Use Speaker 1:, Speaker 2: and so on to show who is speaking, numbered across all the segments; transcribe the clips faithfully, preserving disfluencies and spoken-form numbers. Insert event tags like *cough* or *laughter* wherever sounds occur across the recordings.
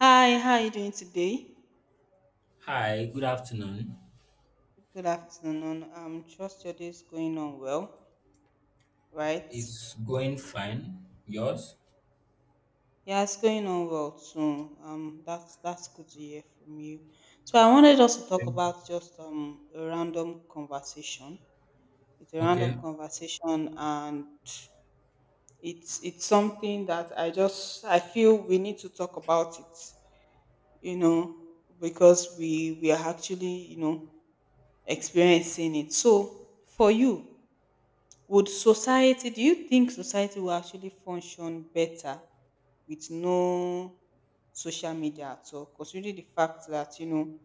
Speaker 1: Hi, how are you doing today?
Speaker 2: Hi, good afternoon.
Speaker 1: Good afternoon. Um, trust your day is going on well, right?
Speaker 2: It's going fine. Yours?
Speaker 1: Yeah, it's going on well too. Um, that's that's good to hear from you. So I wanted us to talk
Speaker 2: Okay.
Speaker 1: about just um a random conversation. It's a random
Speaker 2: Okay.
Speaker 1: conversation, and it's it's something that I just I feel we need to talk about it. You know, because we we are actually you know experiencing it. So for you. Would society, do you think society will actually function better with no social media at all? Considering the fact that, you know,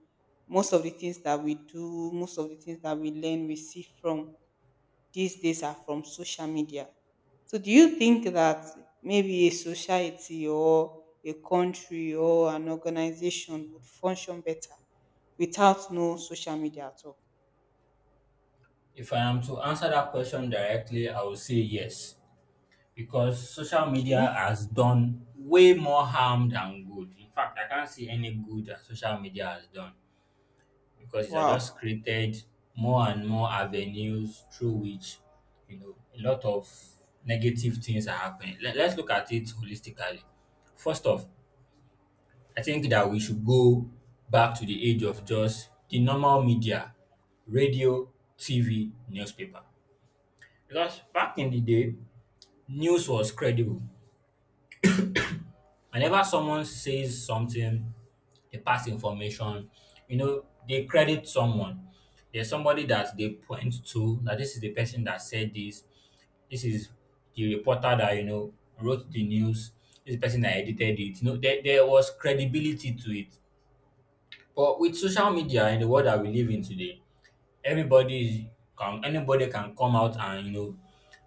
Speaker 1: most of the things that we do, most of the things that we learn, we see from these days are from social media. So, do you think that maybe a society or a country or an organization would function better without no social media at all?
Speaker 2: If I am to answer that question directly, I will say yes. Because social media
Speaker 1: Okay.
Speaker 2: has done way more harm than good. In fact, I can't see any good that social media has done because it has just
Speaker 1: Wow.
Speaker 2: created more and more avenues through which, you know, a lot of negative things are happening. Let, let's look at it holistically. First off, I think that we should go back to the age of just the normal media, radio, T V, newspaper. Because back in the day, news was credible. Whenever someone says something, they pass information, you know, they credit someone. There's somebody that they point to, that this is the person that said this, this is the reporter that, you know, wrote the news, this is the person that edited it. You know, there, there was credibility to it. But with social media in the world that we live in today, everybody is- can anybody can come out and, you know,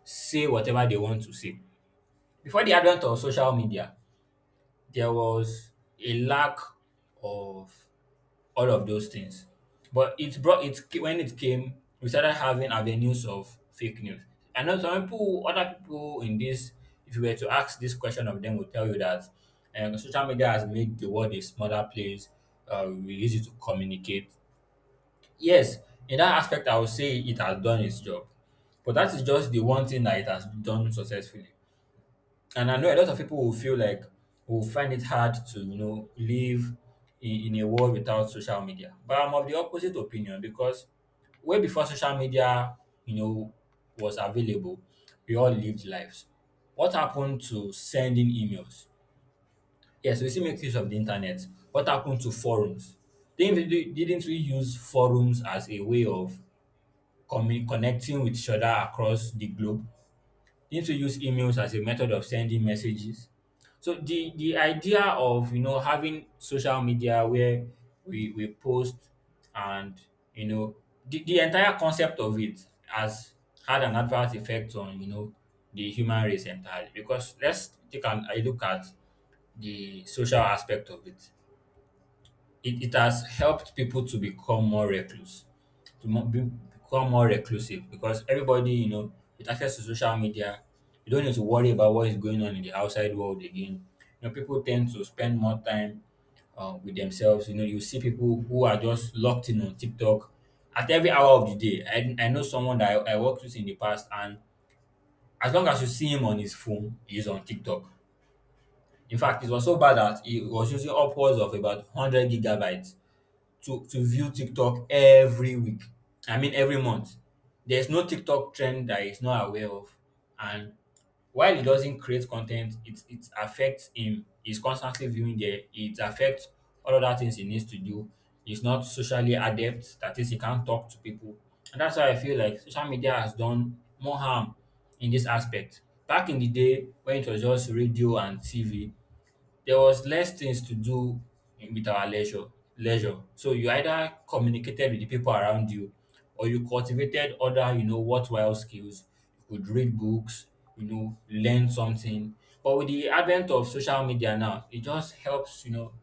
Speaker 2: say whatever they want to say. Before the advent of social media, there was a lack of all of those things. But it brought it. When it came, we started having avenues of fake news. I know some people, other people in this, if you were to ask this question of them, will tell you that um, social media has made the world a smaller place. Uh, we use it to communicate. Yes, in that aspect, I would say it has done its job. But that is just the one thing that it has done successfully. And I know a lot of people will feel like, will find it hard to, you know, live in, in a world without social media. But I'm of the opposite opinion because way before social media, you know, was available, we all lived lives. What happened to sending emails? Yes, we still make use of the internet. What happened to forums? They Didn't we, didn't we use forums as a way of commu- connecting with each other across the globe? Didn't we use emails as a method of sending messages? So the the idea of, you know, having social media where we we post and, you know, the, the entire concept of it has had an adverse effect on, you know, the human race entirely. Because let's take an, a look at the social aspect of it. It it has helped people to become more recluse, to mo- be, become more reclusive, because everybody, you know, with access to social media, you don't need to worry about what is going on in the outside world again. You know, people tend to spend more time uh, with themselves. You know, you see people who are just locked in on TikTok at every hour of the day. I, I know someone that I, I worked with in the past, and as long as you see him on his phone, he's on TikTok. In fact, it was so bad that he was using upwards of about one hundred gigabytes to, to view TikTok every week. I mean, every month. There's no TikTok trend that he's not aware of. And while he doesn't create content, it, it affects him. He's constantly viewing there. It affects all other things he needs to do. He's not socially adept. That is, he can't talk to people. And that's why I feel like social media has done more harm in this aspect. Back in the day, when it was just radio and T V, there was less things to do with our leisure leisure. So you either communicated with the people around you or you cultivated other, you know, worthwhile skills. You could read books, you know, learn something. But with the advent of social media now, it just helps, you know,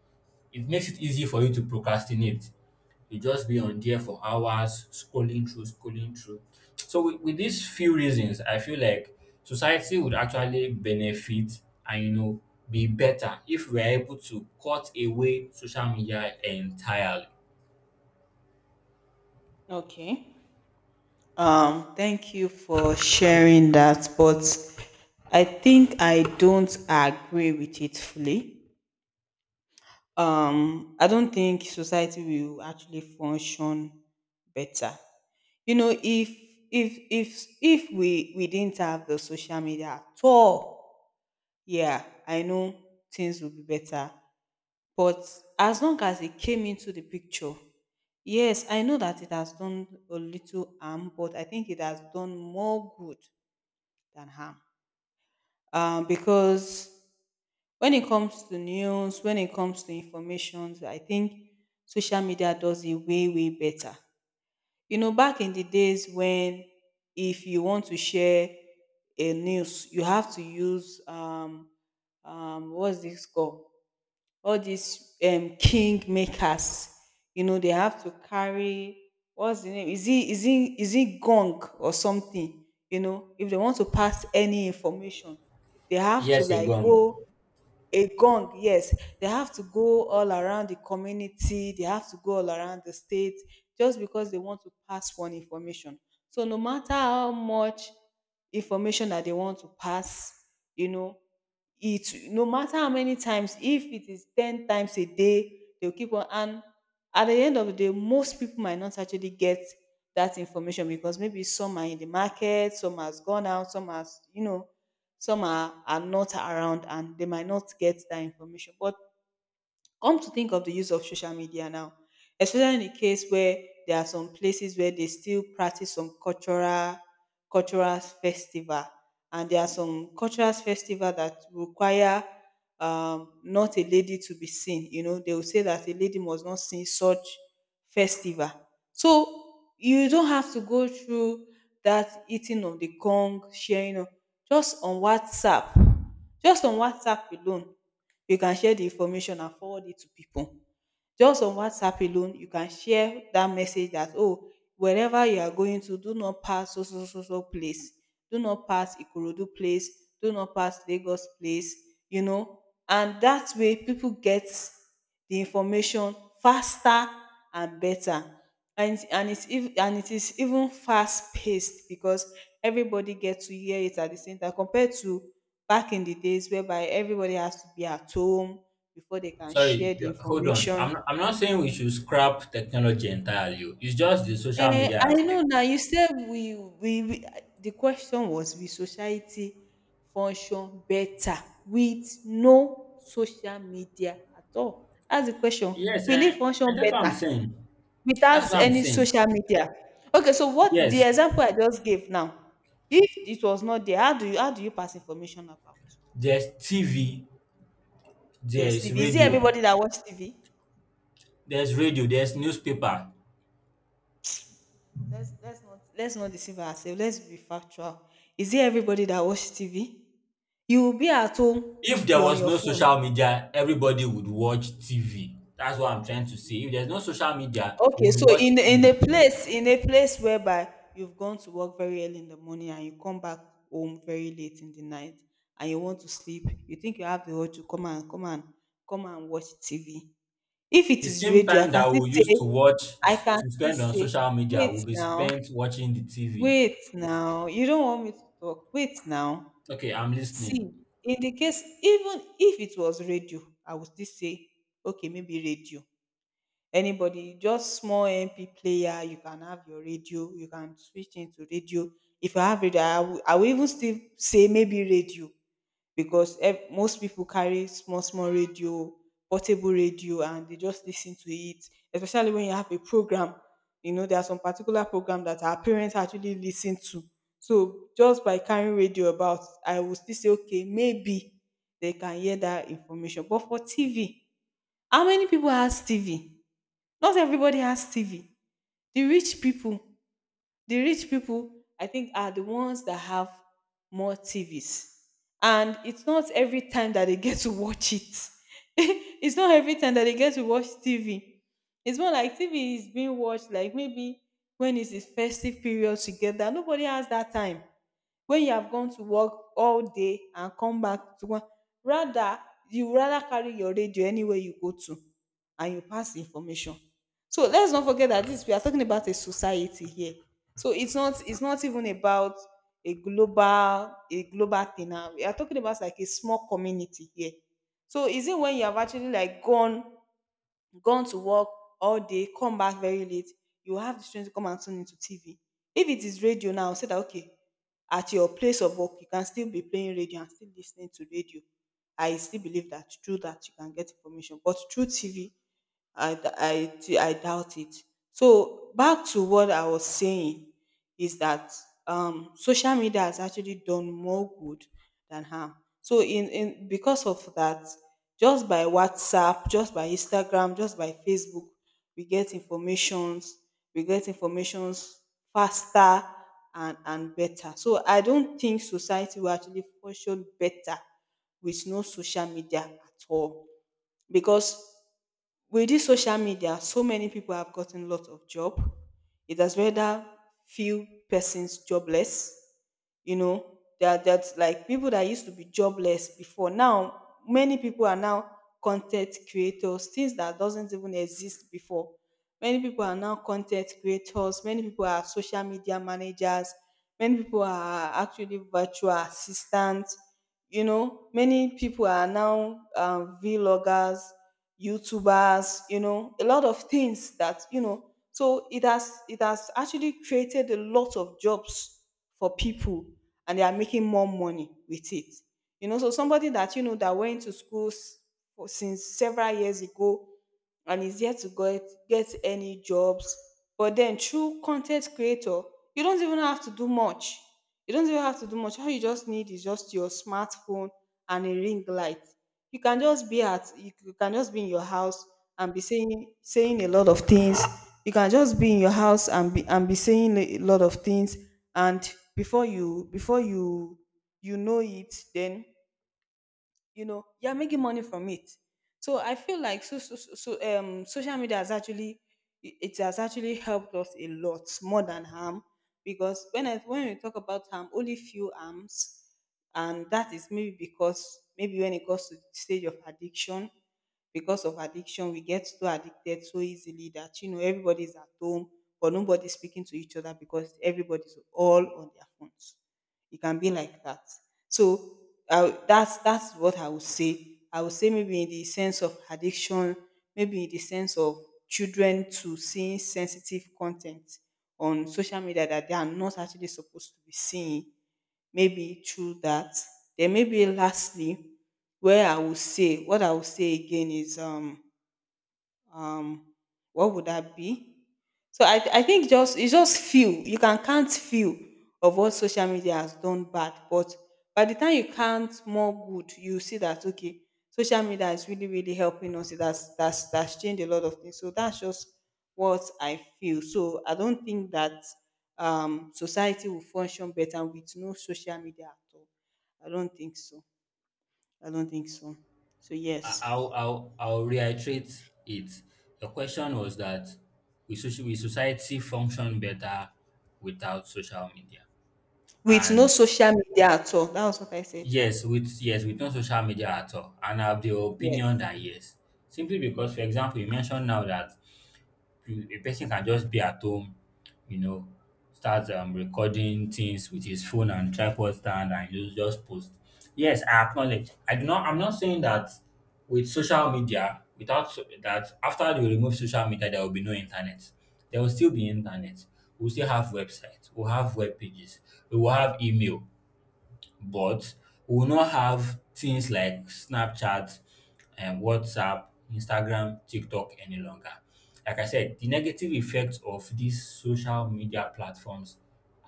Speaker 2: it makes it easy for you to procrastinate. You just be on there for hours scrolling through, scrolling through. So with, with these few reasons, I feel like society would actually benefit and, you know, be better if we are able to cut away social media entirely.
Speaker 1: Okay. Um, thank you for sharing that, but I think I don't agree with it fully. Um, I don't think society will actually function better. You know, if if if if we we didn't have the social media at all, yeah, I know things would be better. But as long as it came into the picture, yes, I know that it has done a little harm, but I think it has done more good than harm. Um, because when it comes to news, when it comes to information, I think social media does it way, way better. You know, back in the days when if you want to share a news, you have to use um, um, what's this called? All these um king makers. You know they have to carry, what's the name, is it is it is it gong or something? You know, if they want to pass any information, they have to
Speaker 2: Yes,
Speaker 1: like
Speaker 2: Egon.
Speaker 1: go. A gong, yes, they have to go all around the community. They have to go all around the state just because they want to pass one information. So no matter how much information that they want to pass, you know it, no matter how many times, if it is ten times a day, they'll keep on. And at the end of the day, most people might not actually get that information because maybe some are in the market, some has gone out, some has you know some are, are not around, and they might not get that information. But come to think of the use of social media now, especially in the case where there are some places where they still practice some cultural cultural festival, and there are some cultural festival that require um, not a lady to be seen. You know, they will say that a lady must not sing such festival. So you don't have to go through that eating of the gong, sharing of just on WhatsApp, just on WhatsApp alone you can share the information and forward it to people. Just on WhatsApp alone, you can share that message that, oh, wherever you are going to, do not pass so, so, so, so place. Do not pass Ikorodu place. Do not pass Lagos place, you know. And that way, people get the information faster and better. And, and, it's, ev- and it is even fast paced because everybody gets to hear it at the same time compared to back in the days whereby everybody has to be at home before they can
Speaker 2: Sorry,
Speaker 1: share
Speaker 2: y-
Speaker 1: the
Speaker 2: hold on.
Speaker 1: information.
Speaker 2: I'm not, I'm not saying we should scrap technology entirely. Oh, it's just the social
Speaker 1: Eh,
Speaker 2: media
Speaker 1: I know
Speaker 2: aspect.
Speaker 1: now. You said we, we, we the question was, will society function better with no social media at all? That's the question.
Speaker 2: Yes,
Speaker 1: Will
Speaker 2: and,
Speaker 1: it function
Speaker 2: and that's what I'm
Speaker 1: better
Speaker 2: saying. That's
Speaker 1: without
Speaker 2: what I'm
Speaker 1: any
Speaker 2: saying.
Speaker 1: social media? Okay, so what the
Speaker 2: Yes,
Speaker 1: example I just gave now, if it was not there, how do you how do you pass information about?
Speaker 2: there's T V, there
Speaker 1: There's
Speaker 2: is
Speaker 1: T V. Is it
Speaker 2: radio.
Speaker 1: everybody that watch T V?
Speaker 2: There's radio, there's newspaper.
Speaker 1: Let's let's not let's not deceive ourselves. Let's be factual. Is it everybody that watch T V? You will be at home,
Speaker 2: If there
Speaker 1: you're on
Speaker 2: was
Speaker 1: your
Speaker 2: no
Speaker 1: phone.
Speaker 2: social media, everybody would watch T V. That's what I'm trying to say. If there's no social media, we
Speaker 1: Okay,
Speaker 2: would
Speaker 1: so
Speaker 2: watch
Speaker 1: in in a
Speaker 2: T V.
Speaker 1: place in a place whereby you've gone to work very early in the morning and you come back home very late in the night and you want to sleep, you think you have the urge to come and come and come and watch T V. If it
Speaker 2: The
Speaker 1: is
Speaker 2: same
Speaker 1: radio, I
Speaker 2: time
Speaker 1: can
Speaker 2: that
Speaker 1: still
Speaker 2: we used
Speaker 1: say
Speaker 2: to watch,
Speaker 1: I can
Speaker 2: to
Speaker 1: still
Speaker 2: spend on
Speaker 1: say,
Speaker 2: social media
Speaker 1: wait
Speaker 2: will be
Speaker 1: now,
Speaker 2: spent watching the T V.
Speaker 1: wait now. You don't want me to talk. Wait now.
Speaker 2: Okay, I'm listening.
Speaker 1: See, in the case, even if it was radio, I would still say, okay, maybe radio. Anybody just small M P player, you can have your radio, you can switch into radio. If you have radio i will, I will even still say maybe radio, because ev- most people carry small small radio, portable radio, and they just listen to it. Especially when you have a program, you know there are some particular program that our parents actually listen to. So just by carrying radio about, I will still say, okay, maybe they can hear that information. But for TV, how many people has TV? Not everybody has T V. The rich people the rich people I think are the ones that have more TVs. And it's not every time that they get to watch it. *laughs* It's not every time that they get to watch TV. It's more like TV is being watched like maybe when it's the festive period. Together nobody has that time when you have gone to work all day and come back to one, rather, you rather carry your radio anywhere you go to, and you pass information. So let's not forget that this, we are talking about a society here, so it's not it's not even about a global a global thing now. We are talking about like a small community here. So is it when you have actually like gone gone to work all day, come back very late, you will have the strength to come and tune into T V? If it is radio now, say that okay, at your place of work, you can still be playing radio and still listening to radio. I still believe that through that you can get information, but through T V, I, d- I, d- I doubt it. So back to what I was saying is that, um, social media has actually done more good than harm. So in, in because of that, just by WhatsApp, just by Instagram, just by Facebook, we get informations, we get informations faster and, and better. So I don't think society will actually function better with no social media at all. Because with this social media, so many people have gotten lot of job. It has rendered few persons jobless. You know, there that that's like people that used to be jobless before. Now, many people are now content creators, things that doesn't even exist before. Many people are now content creators. Many people are social media managers. Many people are actually virtual assistants. You know, many people are now um, vloggers, YouTubers. You know, a lot of things that, you know so it has it has actually created a lot of jobs for people, and they are making more money with it. You know, so somebody that you know that went to school s- for- since several years ago and is yet to get get any jobs, but then through content creator, you don't even have to do much. You don't even have to do much. All you just need is just your smartphone and a ring light. You can just be at you c- you can just be in your house and be saying saying a lot of things. You can just be in your house and be and be saying a lot of things, and before you before you you know it, then you know you're making money from it. So I feel like, so, so, so so, um social media has actually, it has actually helped us a lot more than harm. Because when I, when we talk about harm, only few harms. And that is maybe because maybe when it goes to the stage of addiction, because of addiction we get so addicted so easily that you know everybody's at home but nobody's speaking to each other because everybody's all on their phones. It can be like that. So I, that's that's what I would say. I would say maybe in the sense of addiction, maybe in the sense of children to seeing sensitive content on social media that they are not actually supposed to be seeing. Maybe through that. Then maybe lastly, where I would say what I would say again is um um what would that be? So i i think just it's just few. You can count few of what social media has done bad, but by the time you count more good, you see that okay, social media is really really helping us. That's that's that's changed a lot of things, so that's just what I feel. So I don't think that um society will function better with no social media at all. I don't think so, I don't think so, so yes.
Speaker 2: I- I'll I'll I'll reiterate it. The question was that we social we society function better without social media,
Speaker 1: With no
Speaker 2: and
Speaker 1: social media at all. That was what I said.
Speaker 2: yes, with, yes, with no social media at all. And I have the opinion
Speaker 1: Yes.
Speaker 2: that yes. Simply because, for example, you mentioned now that you- a person can just be at home, you know, start um, recording things with his phone and tripod stand and just just post. Yes, I acknowledge. I do not I'm not saying that with social media, without so- that after they remove social media, there will be no internet. There will still be internet. We'll still have websites, we'll have web pages, we will have email, but we will not have things like Snapchat, um, WhatsApp, Instagram, TikTok any longer. Like I said, the negative effects of these social media platforms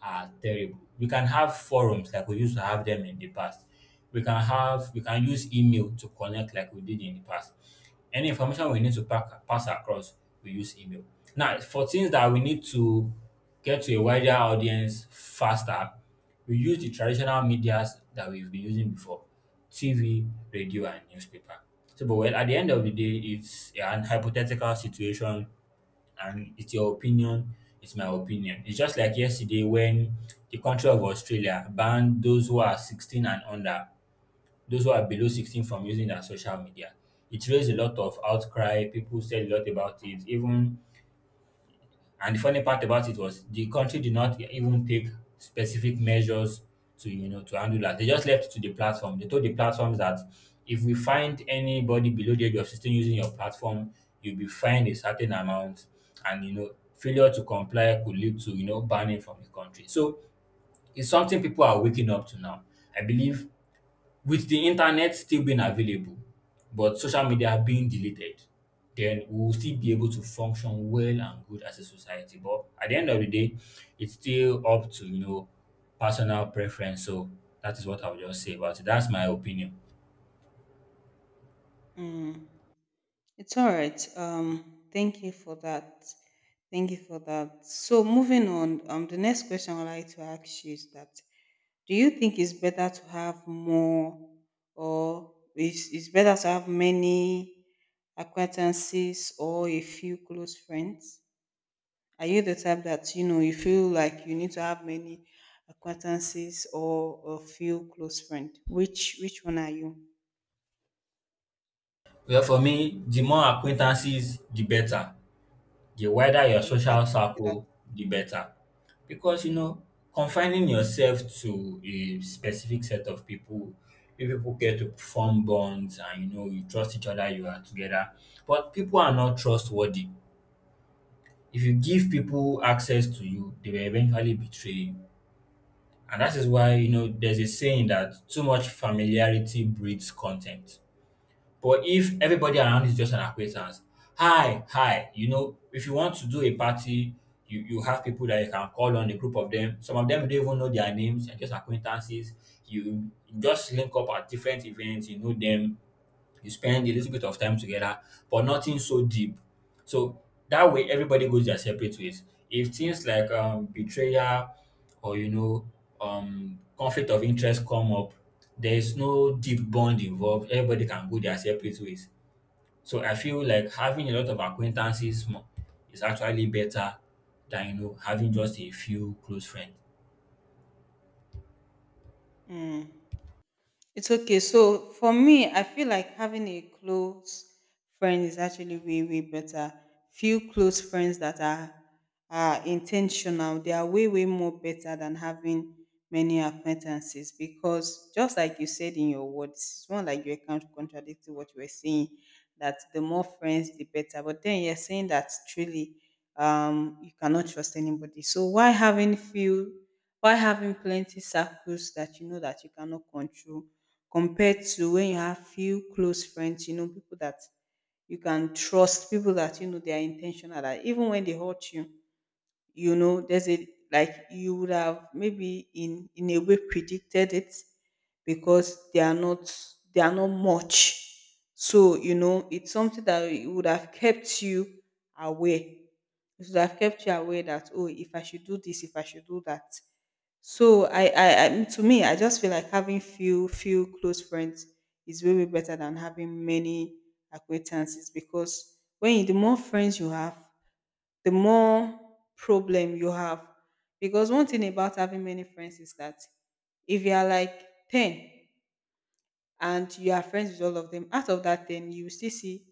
Speaker 2: are terrible. We can have forums like we used to have them in the past. We can have we can use email to connect like we did in the past. Any information we need to pack, pass across, we use email. Now, for things that we need to get to a wider audience faster, we use the traditional medias that we've been using before, T V, radio, and newspaper. So, but well, at the end of the day, it's an hypothetical situation and it's your opinion, it's my opinion. It's just like yesterday when the country of Australia banned those who are sixteen and under, those who are below sixteen from using their social media. It raised a lot of outcry, people said a lot about it, even and the funny part about it was the country did not even take specific measures to, you know, to handle that. They just left it to the platform. They told the platforms that if we find anybody below the age of sixteen using your platform, you'll be fined a certain amount. And, you know, failure to comply could lead to, you know, banning from the country. So it's something people are waking up to now. I believe with the internet still being available, but social media being deleted, then we will still be able to function well and good as a society. But at the end of the day, it's still up to, you know, personal preference. So that is what I would just say about it. That's my opinion.
Speaker 1: Mm. It's all right. Um, thank you for that. Thank you for that. So moving on, um, the next question I'd like to ask you is that do you think it's better to have more, or is it's better to have many acquaintances or a few close friends? Are you the type that you know you feel like you need to have many acquaintances or a few close friends? Which which one are you?
Speaker 2: Well, for me, the more acquaintances, the better. The wider your
Speaker 1: Okay, why do
Speaker 2: social
Speaker 1: you say that?
Speaker 2: circle, the better. Because, you know, confining yourself to a specific set of people, you people get to form bonds and, you know, you trust each other, you are together. But people are not trustworthy. If you give people access to you, they will eventually betray you. And that is why, you know, there's a saying that too much familiarity breeds contempt. But if everybody around is just an acquaintance, hi, hi, you know, if you want to do a party, you, you have people that you can call on, a group of them. Some of them you don't even know their names and just acquaintances. You just link up at different events, you know them, you spend a little bit of time together, but nothing so deep. So that way, everybody goes their separate ways. If things like um, betrayal or, you know, um, conflict of interest come up, there is no deep bond involved. Everybody can go their separate ways. So I feel like having a lot of acquaintances mo- is actually better than, you know, having just a few close friends.
Speaker 1: Mm. It's okay. So for me, I feel like having a close friend is actually way, way better. Few close friends that are are intentional, they are way, way more better than having many acquaintances, because just like you said in your words, it's not like you're kind of contradicting what you were saying, that the more friends the better. But then you're saying that truly um you cannot trust anybody. So why having few, why having plenty circles that you know that you cannot control, compared to when you have few close friends, you know, people that you can trust, people that you know they are intentional, that even when they hurt you, you know there's a, like you would have maybe in in a way predicted it, because they are not, they are not much, so you know it's something that it would have kept you aware. It would have kept you aware that oh, if I should do this, if I should do that. So i i, I mm, to me I just feel like having few few close friends is way way better than having many acquaintances, because when you, the more friends you have, the more problem you have. Because one thing about having many friends is that if you are like ten and you are friends with all of them, out of that ten, you will still see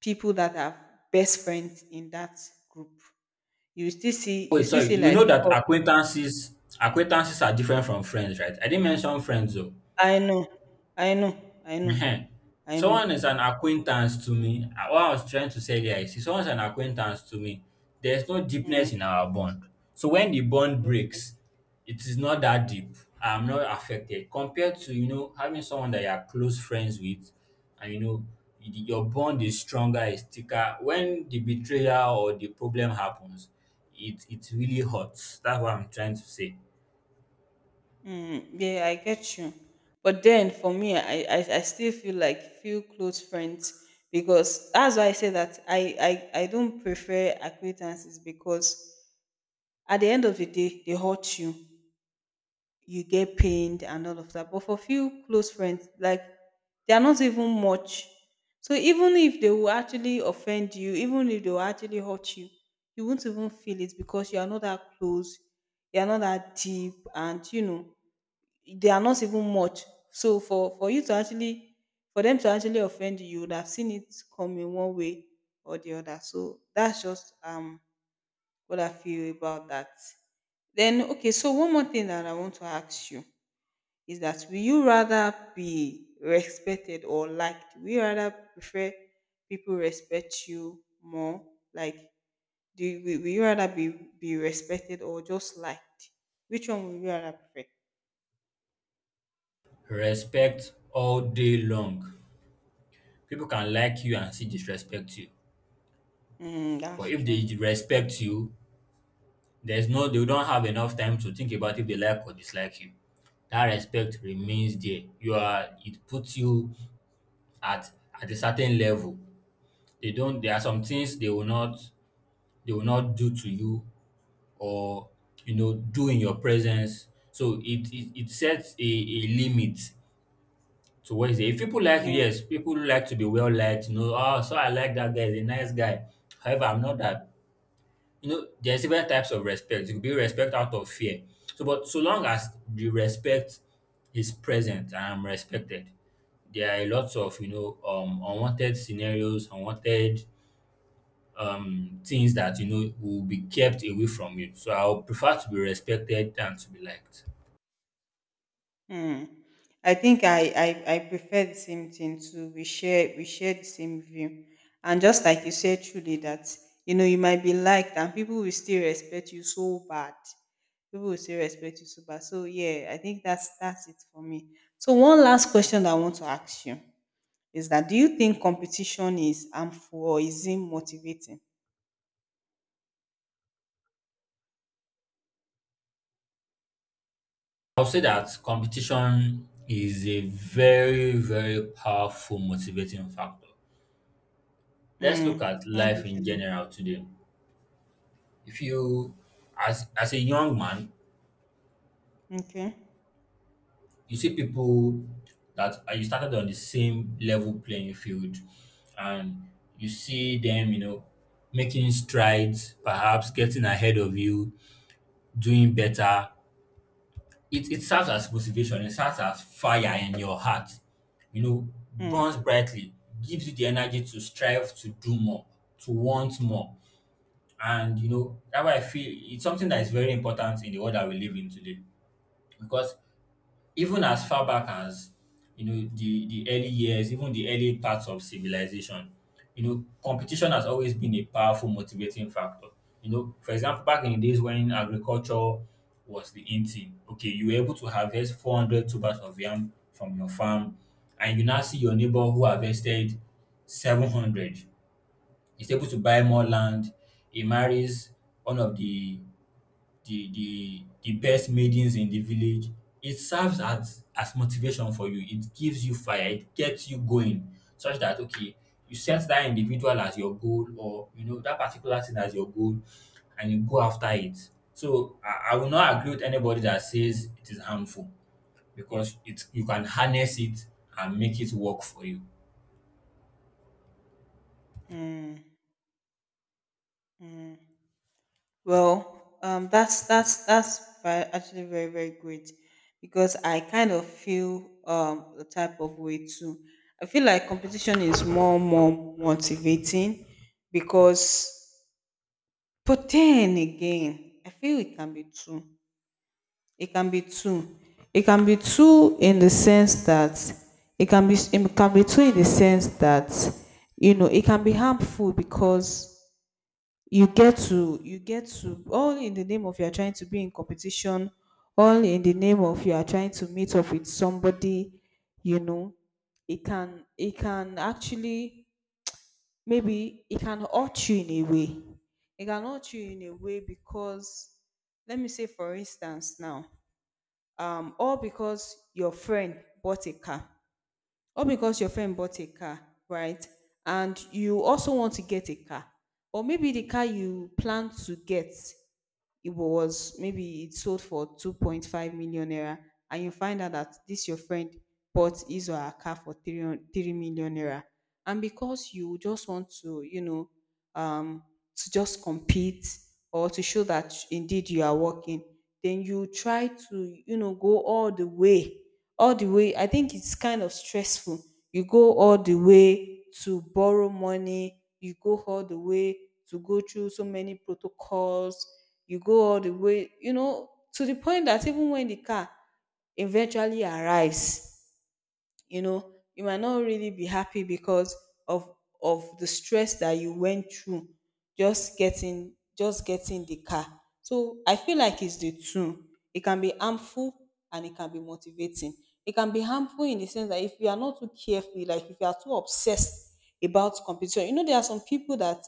Speaker 1: people that are best friends in that group. You still see, you
Speaker 2: Wait,
Speaker 1: still
Speaker 2: sorry.
Speaker 1: see
Speaker 2: You know
Speaker 1: like,
Speaker 2: that
Speaker 1: oh,
Speaker 2: acquaintances acquaintances are different from friends, right? I didn't mention friends though.
Speaker 1: I know, I know, I know,
Speaker 2: Ehen. If
Speaker 1: I know.
Speaker 2: someone is an acquaintance to me, uh, what I was trying to say there is if someone's an acquaintance to me, there's no
Speaker 1: Mm,
Speaker 2: deepness in our bond. So when the bond
Speaker 1: okay.
Speaker 2: breaks, it is not that deep. I'm not affected compared to, you know, having someone that you're close friends with, and you know y- your bond is stronger, is thicker. When the betrayal or the problem happens, it it really hurts. That's what I'm trying to say.
Speaker 1: Mm, yeah, I get you. But then for me, I, I, I still feel like few close friends, because that's why I say that I, I, I don't prefer acquaintances, because at the end of the day, they hurt you. You get pained and all of that. But for few close friends, like, they are not even much. So even if they will actually offend you, even if they will actually hurt you, you won't even feel it because you are not that close, you are not that deep, and you know they are not even much. So for for you to actually, for them to actually offend you, you would have seen it come in one way or the other. So that's just um what I feel about that. Then okay, so one more thing that I want to ask you is that, will you rather be respected or liked? Will you rather prefer people respect you more? Like, do you, will will you rather be be respected or just liked? Which one would you rather prefer?
Speaker 2: Respect all day long. People can like you and see disrespect you.
Speaker 1: Mm,
Speaker 2: But
Speaker 1: that's
Speaker 2: if
Speaker 1: true.
Speaker 2: they respect you, there's no they don't have enough time to think about if they like or dislike you. That respect remains there. You are it puts you at at a certain level. They don't there are some things they will not, they will not do to you or, you know, do in your presence. So it it, it sets a, a limit to what is there. If people like you, yes, people like to be well liked, you know, oh, so I like that guy, he's a nice guy. However, I'm not that, you know, there's different types of respect. You can be respect out of fear. So, but so long as the respect is present and I'm respected, there are lots of, you know, um unwanted scenarios, unwanted um things that, you know, will be kept away from you. So I'll prefer to be respected than to be liked.
Speaker 1: Hmm. I think I, I I prefer the same thing too. We share we share the same view, and just like you said, truly that you know you might be liked and people will still respect you so bad. People will still respect you so bad. So yeah, I think that's that's it for me. So one last question that I want to ask you is that, do you think competition is harmful or is it motivating?
Speaker 2: I'll say that competition is a very, very powerful motivating factor. Let's look
Speaker 1: Hmm.
Speaker 2: at
Speaker 1: How do
Speaker 2: life
Speaker 1: you
Speaker 2: in
Speaker 1: feel?
Speaker 2: general today. If you, as as a young man,
Speaker 1: Okay.
Speaker 2: you see people that uh, you started on the same level playing field, and you see them, you know, making strides, perhaps getting ahead of you, doing better. it, it serves as motivation, it serves as fire in your heart, you know,
Speaker 1: Hmm.
Speaker 2: burns brightly, gives you the energy to strive to do more, to want more. And, you know, that's why I feel it's something that is very important in the world that we live in today. Because even as far back as, you know, the the early years, even the early parts of civilization, you know, competition has always been a powerful motivating factor. You know, for example, back in the days when agriculture was the in thing, okay, you were able to harvest four hundred tubers of yam from your farm, and you now see your neighbor who harvested seven hundred, is able to buy more land, he marries one of the the the the best maidens in the village. It serves as as motivation for you. It gives you fire. It gets you going, such that, okay, you set that individual as your goal, or, you know, that particular thing as your goal, and you go after it. So I, I will not agree with anybody that says it is harmful, because it, you can harness it and make it work for you.
Speaker 1: Hmm. Hmm. Well, um, that's that's that's very, actually very very great, because I kind of feel um the type of way too. I feel like competition is more more motivating, because, but then again, I feel it can be two. It can be two. It can be two in the sense that, it can be, it can be two in the sense that you know it can be harmful because you get to, you get to, all in the name of you are trying to be in competition, all in the name of you are trying to meet up with somebody, you know, it can it can actually, maybe it can hurt you in a way. It can hurt you in a way because, let me say for instance now, um all because your friend bought a car, all because your friend bought a car, right? And you also want to get a car. Or maybe the car you plan to get, it was maybe it sold for two point five million naira, and you find out that this your friend bought his or her car for three, hun- three million naira. And because you just want to, you know, um, to just compete or to show that indeed you are working, then you try to, you know, go all the way, all the way. I think it's kind of stressful. You go all the way to borrow money, you go all the way to go through so many protocols, you go all the way, you know, to the point that even when the car eventually arrives, you know you might not really be happy because of of the stress that you went through just getting, just getting the car. So I feel like it's the two. It can be harmful and it can be motivating. It can be harmful in the sense that if you are not too careful, like if you are too obsessed about competition, you know there are some people that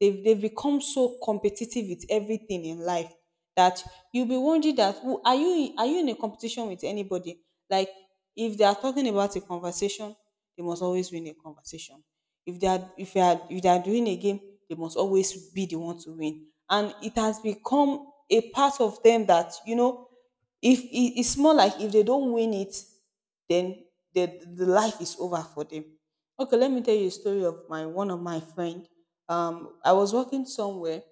Speaker 1: they've, they've become so competitive with everything in life that you'll be wondering that, who are you, are you in a competition with anybody? Like if they are talking about a conversation, they must always win a conversation. If they are, if they are if they are doing a game, they must always be the one to win. And it has become a part of them that you know, if it- it's more like if they don't win it, then the, the life is over for them. Okay, let me tell you a story of my, one of my friend. Um, I was working somewhere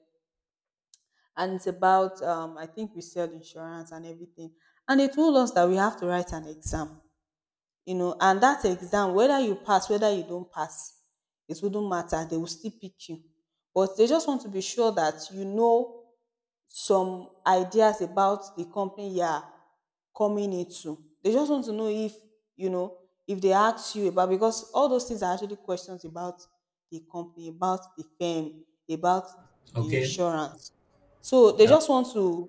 Speaker 1: and it's about, um I think we sell insurance and everything, and they told us that we have to write an exam, you know, and that exam, whether you pass, whether you don't pass, it wouldn't matter, they will still pick you, but they just want to be sure that you know some ideas about the company you are coming into. They just want to know if, you know, if they ask you about, because all those things are actually questions about the company, about the firm, about the
Speaker 2: Okay.
Speaker 1: insurance. So they
Speaker 2: Yeah.
Speaker 1: just want to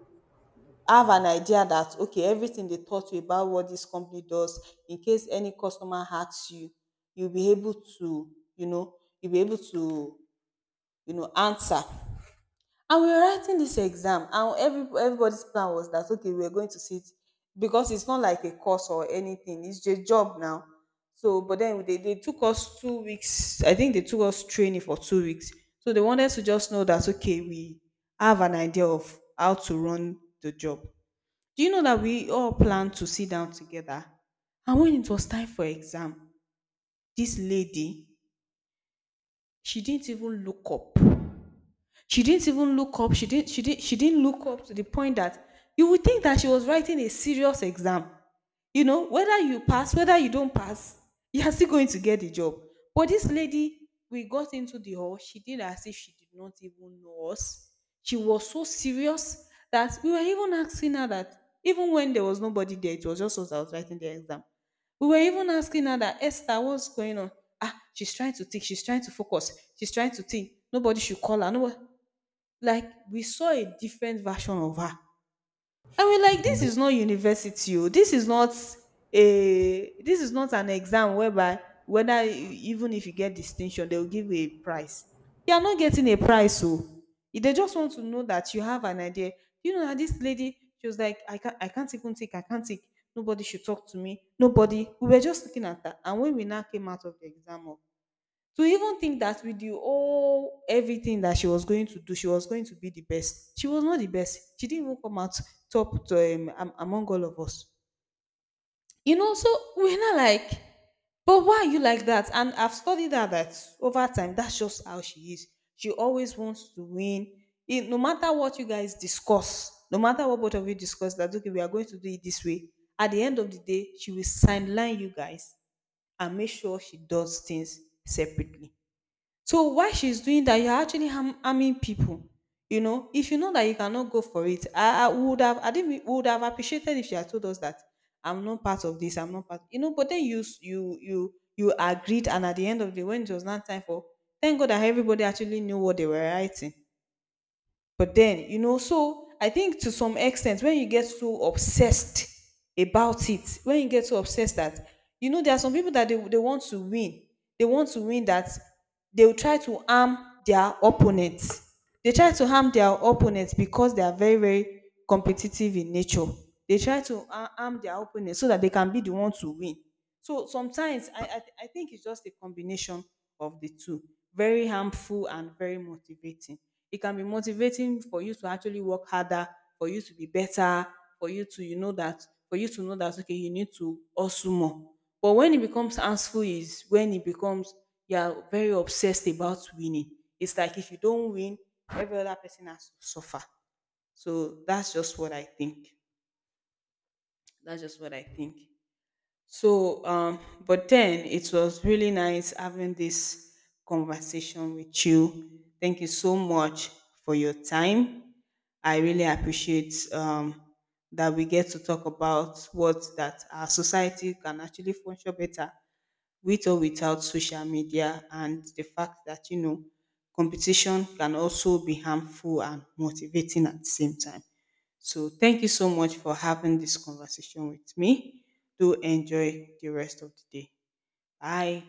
Speaker 1: have an idea that, okay, everything they taught you about what this company does, in case any customer asks you, you'll be able to, you know, you'll be able to, you know, answer. And we were writing this exam, and every everybody's plan was that okay, we are going to sit, because it's not like a course or anything, it's a job now. So but then they, they took us two weeks, I think they took us training for two weeks, so they wanted to just know that okay, we have an idea of how to run the job. Do you know that we all planned to sit down together, and when it was time for exam, this lady, she didn't even look up. She didn't even look up. She didn't. She didn't. She didn't look up, to the point that you would think that she was writing a serious exam. You know, whether you pass, whether you don't pass, you are still going to get the job. But this lady, we got into the hall. She did as if she did not even know us. She was so serious that we were even asking her that, even when there was nobody there, it was just us that was writing the exam. We were even asking her that Esther, what's going on? Ah, she's trying to think, she's trying to focus, she's trying to think. Nobody should call her. Nobody. Like, we saw a different version of her, and we're like, this is not university oh, this is not a, this is not an exam whereby whether e- even if you get distinction they will give you a prize. You are not getting a prize oh. If they just want to know that you have an idea, you know, that this lady, she was like, i can't i can't even take, I can't take. Nobody should talk to me, nobody. We were just looking at that, and when we now came out of the exam, to even think that with the whole everything that she was going to do, she was going to be the best. She was not the best. She didn't even come out top to, um, am- among all of us. You know, so we're not like, but why are you like that? And I've studied her that over time, that's just how she is. She always wants to win. It, no matter what you guys discuss, no matter what both of you discuss, that okay, we are going to do it this way, at the end of the day, she will sideline you guys and make sure she does things separately. So while she's doing that, you're actually harm, harming people. You know, if you know that you cannot go for it, I, I would have, I think we would have appreciated if she had told us that I'm not part of this, I'm not part, you know. But then you, s- you, you, you agreed, and at the end of the day, when it was not time for, thank God that everybody actually knew what they were writing. But then, you know, so I think to some extent, when you get so obsessed about it, when you get so obsessed that, you know, there are some people that they, they want to win. They want to win, that they will try to harm their opponents. They try to harm their opponents because they are very, very competitive in nature. They try to ha- harm their opponents so that they can be the one to win. So sometimes I, I, I think it's just a combination of the two, very harmful and very motivating. It can be motivating for you to actually work harder, for you to be better, for you to, you know, that, for you to know that, okay, you need to hustle more. But when it becomes harmful is when it becomes, you're very obsessed about winning. It's like if you don't win, every other person has to suffer. So that's just what I think. That's just what I think. So, um, but then it was really nice having this conversation with you. Thank you so much for your time. I really appreciate um, that we get to talk about what that our society can actually function better with or without social media, and the fact that you know competition can also be harmful and motivating at the same time. So thank you so much for having this conversation with me. Do enjoy the rest of the day. Bye.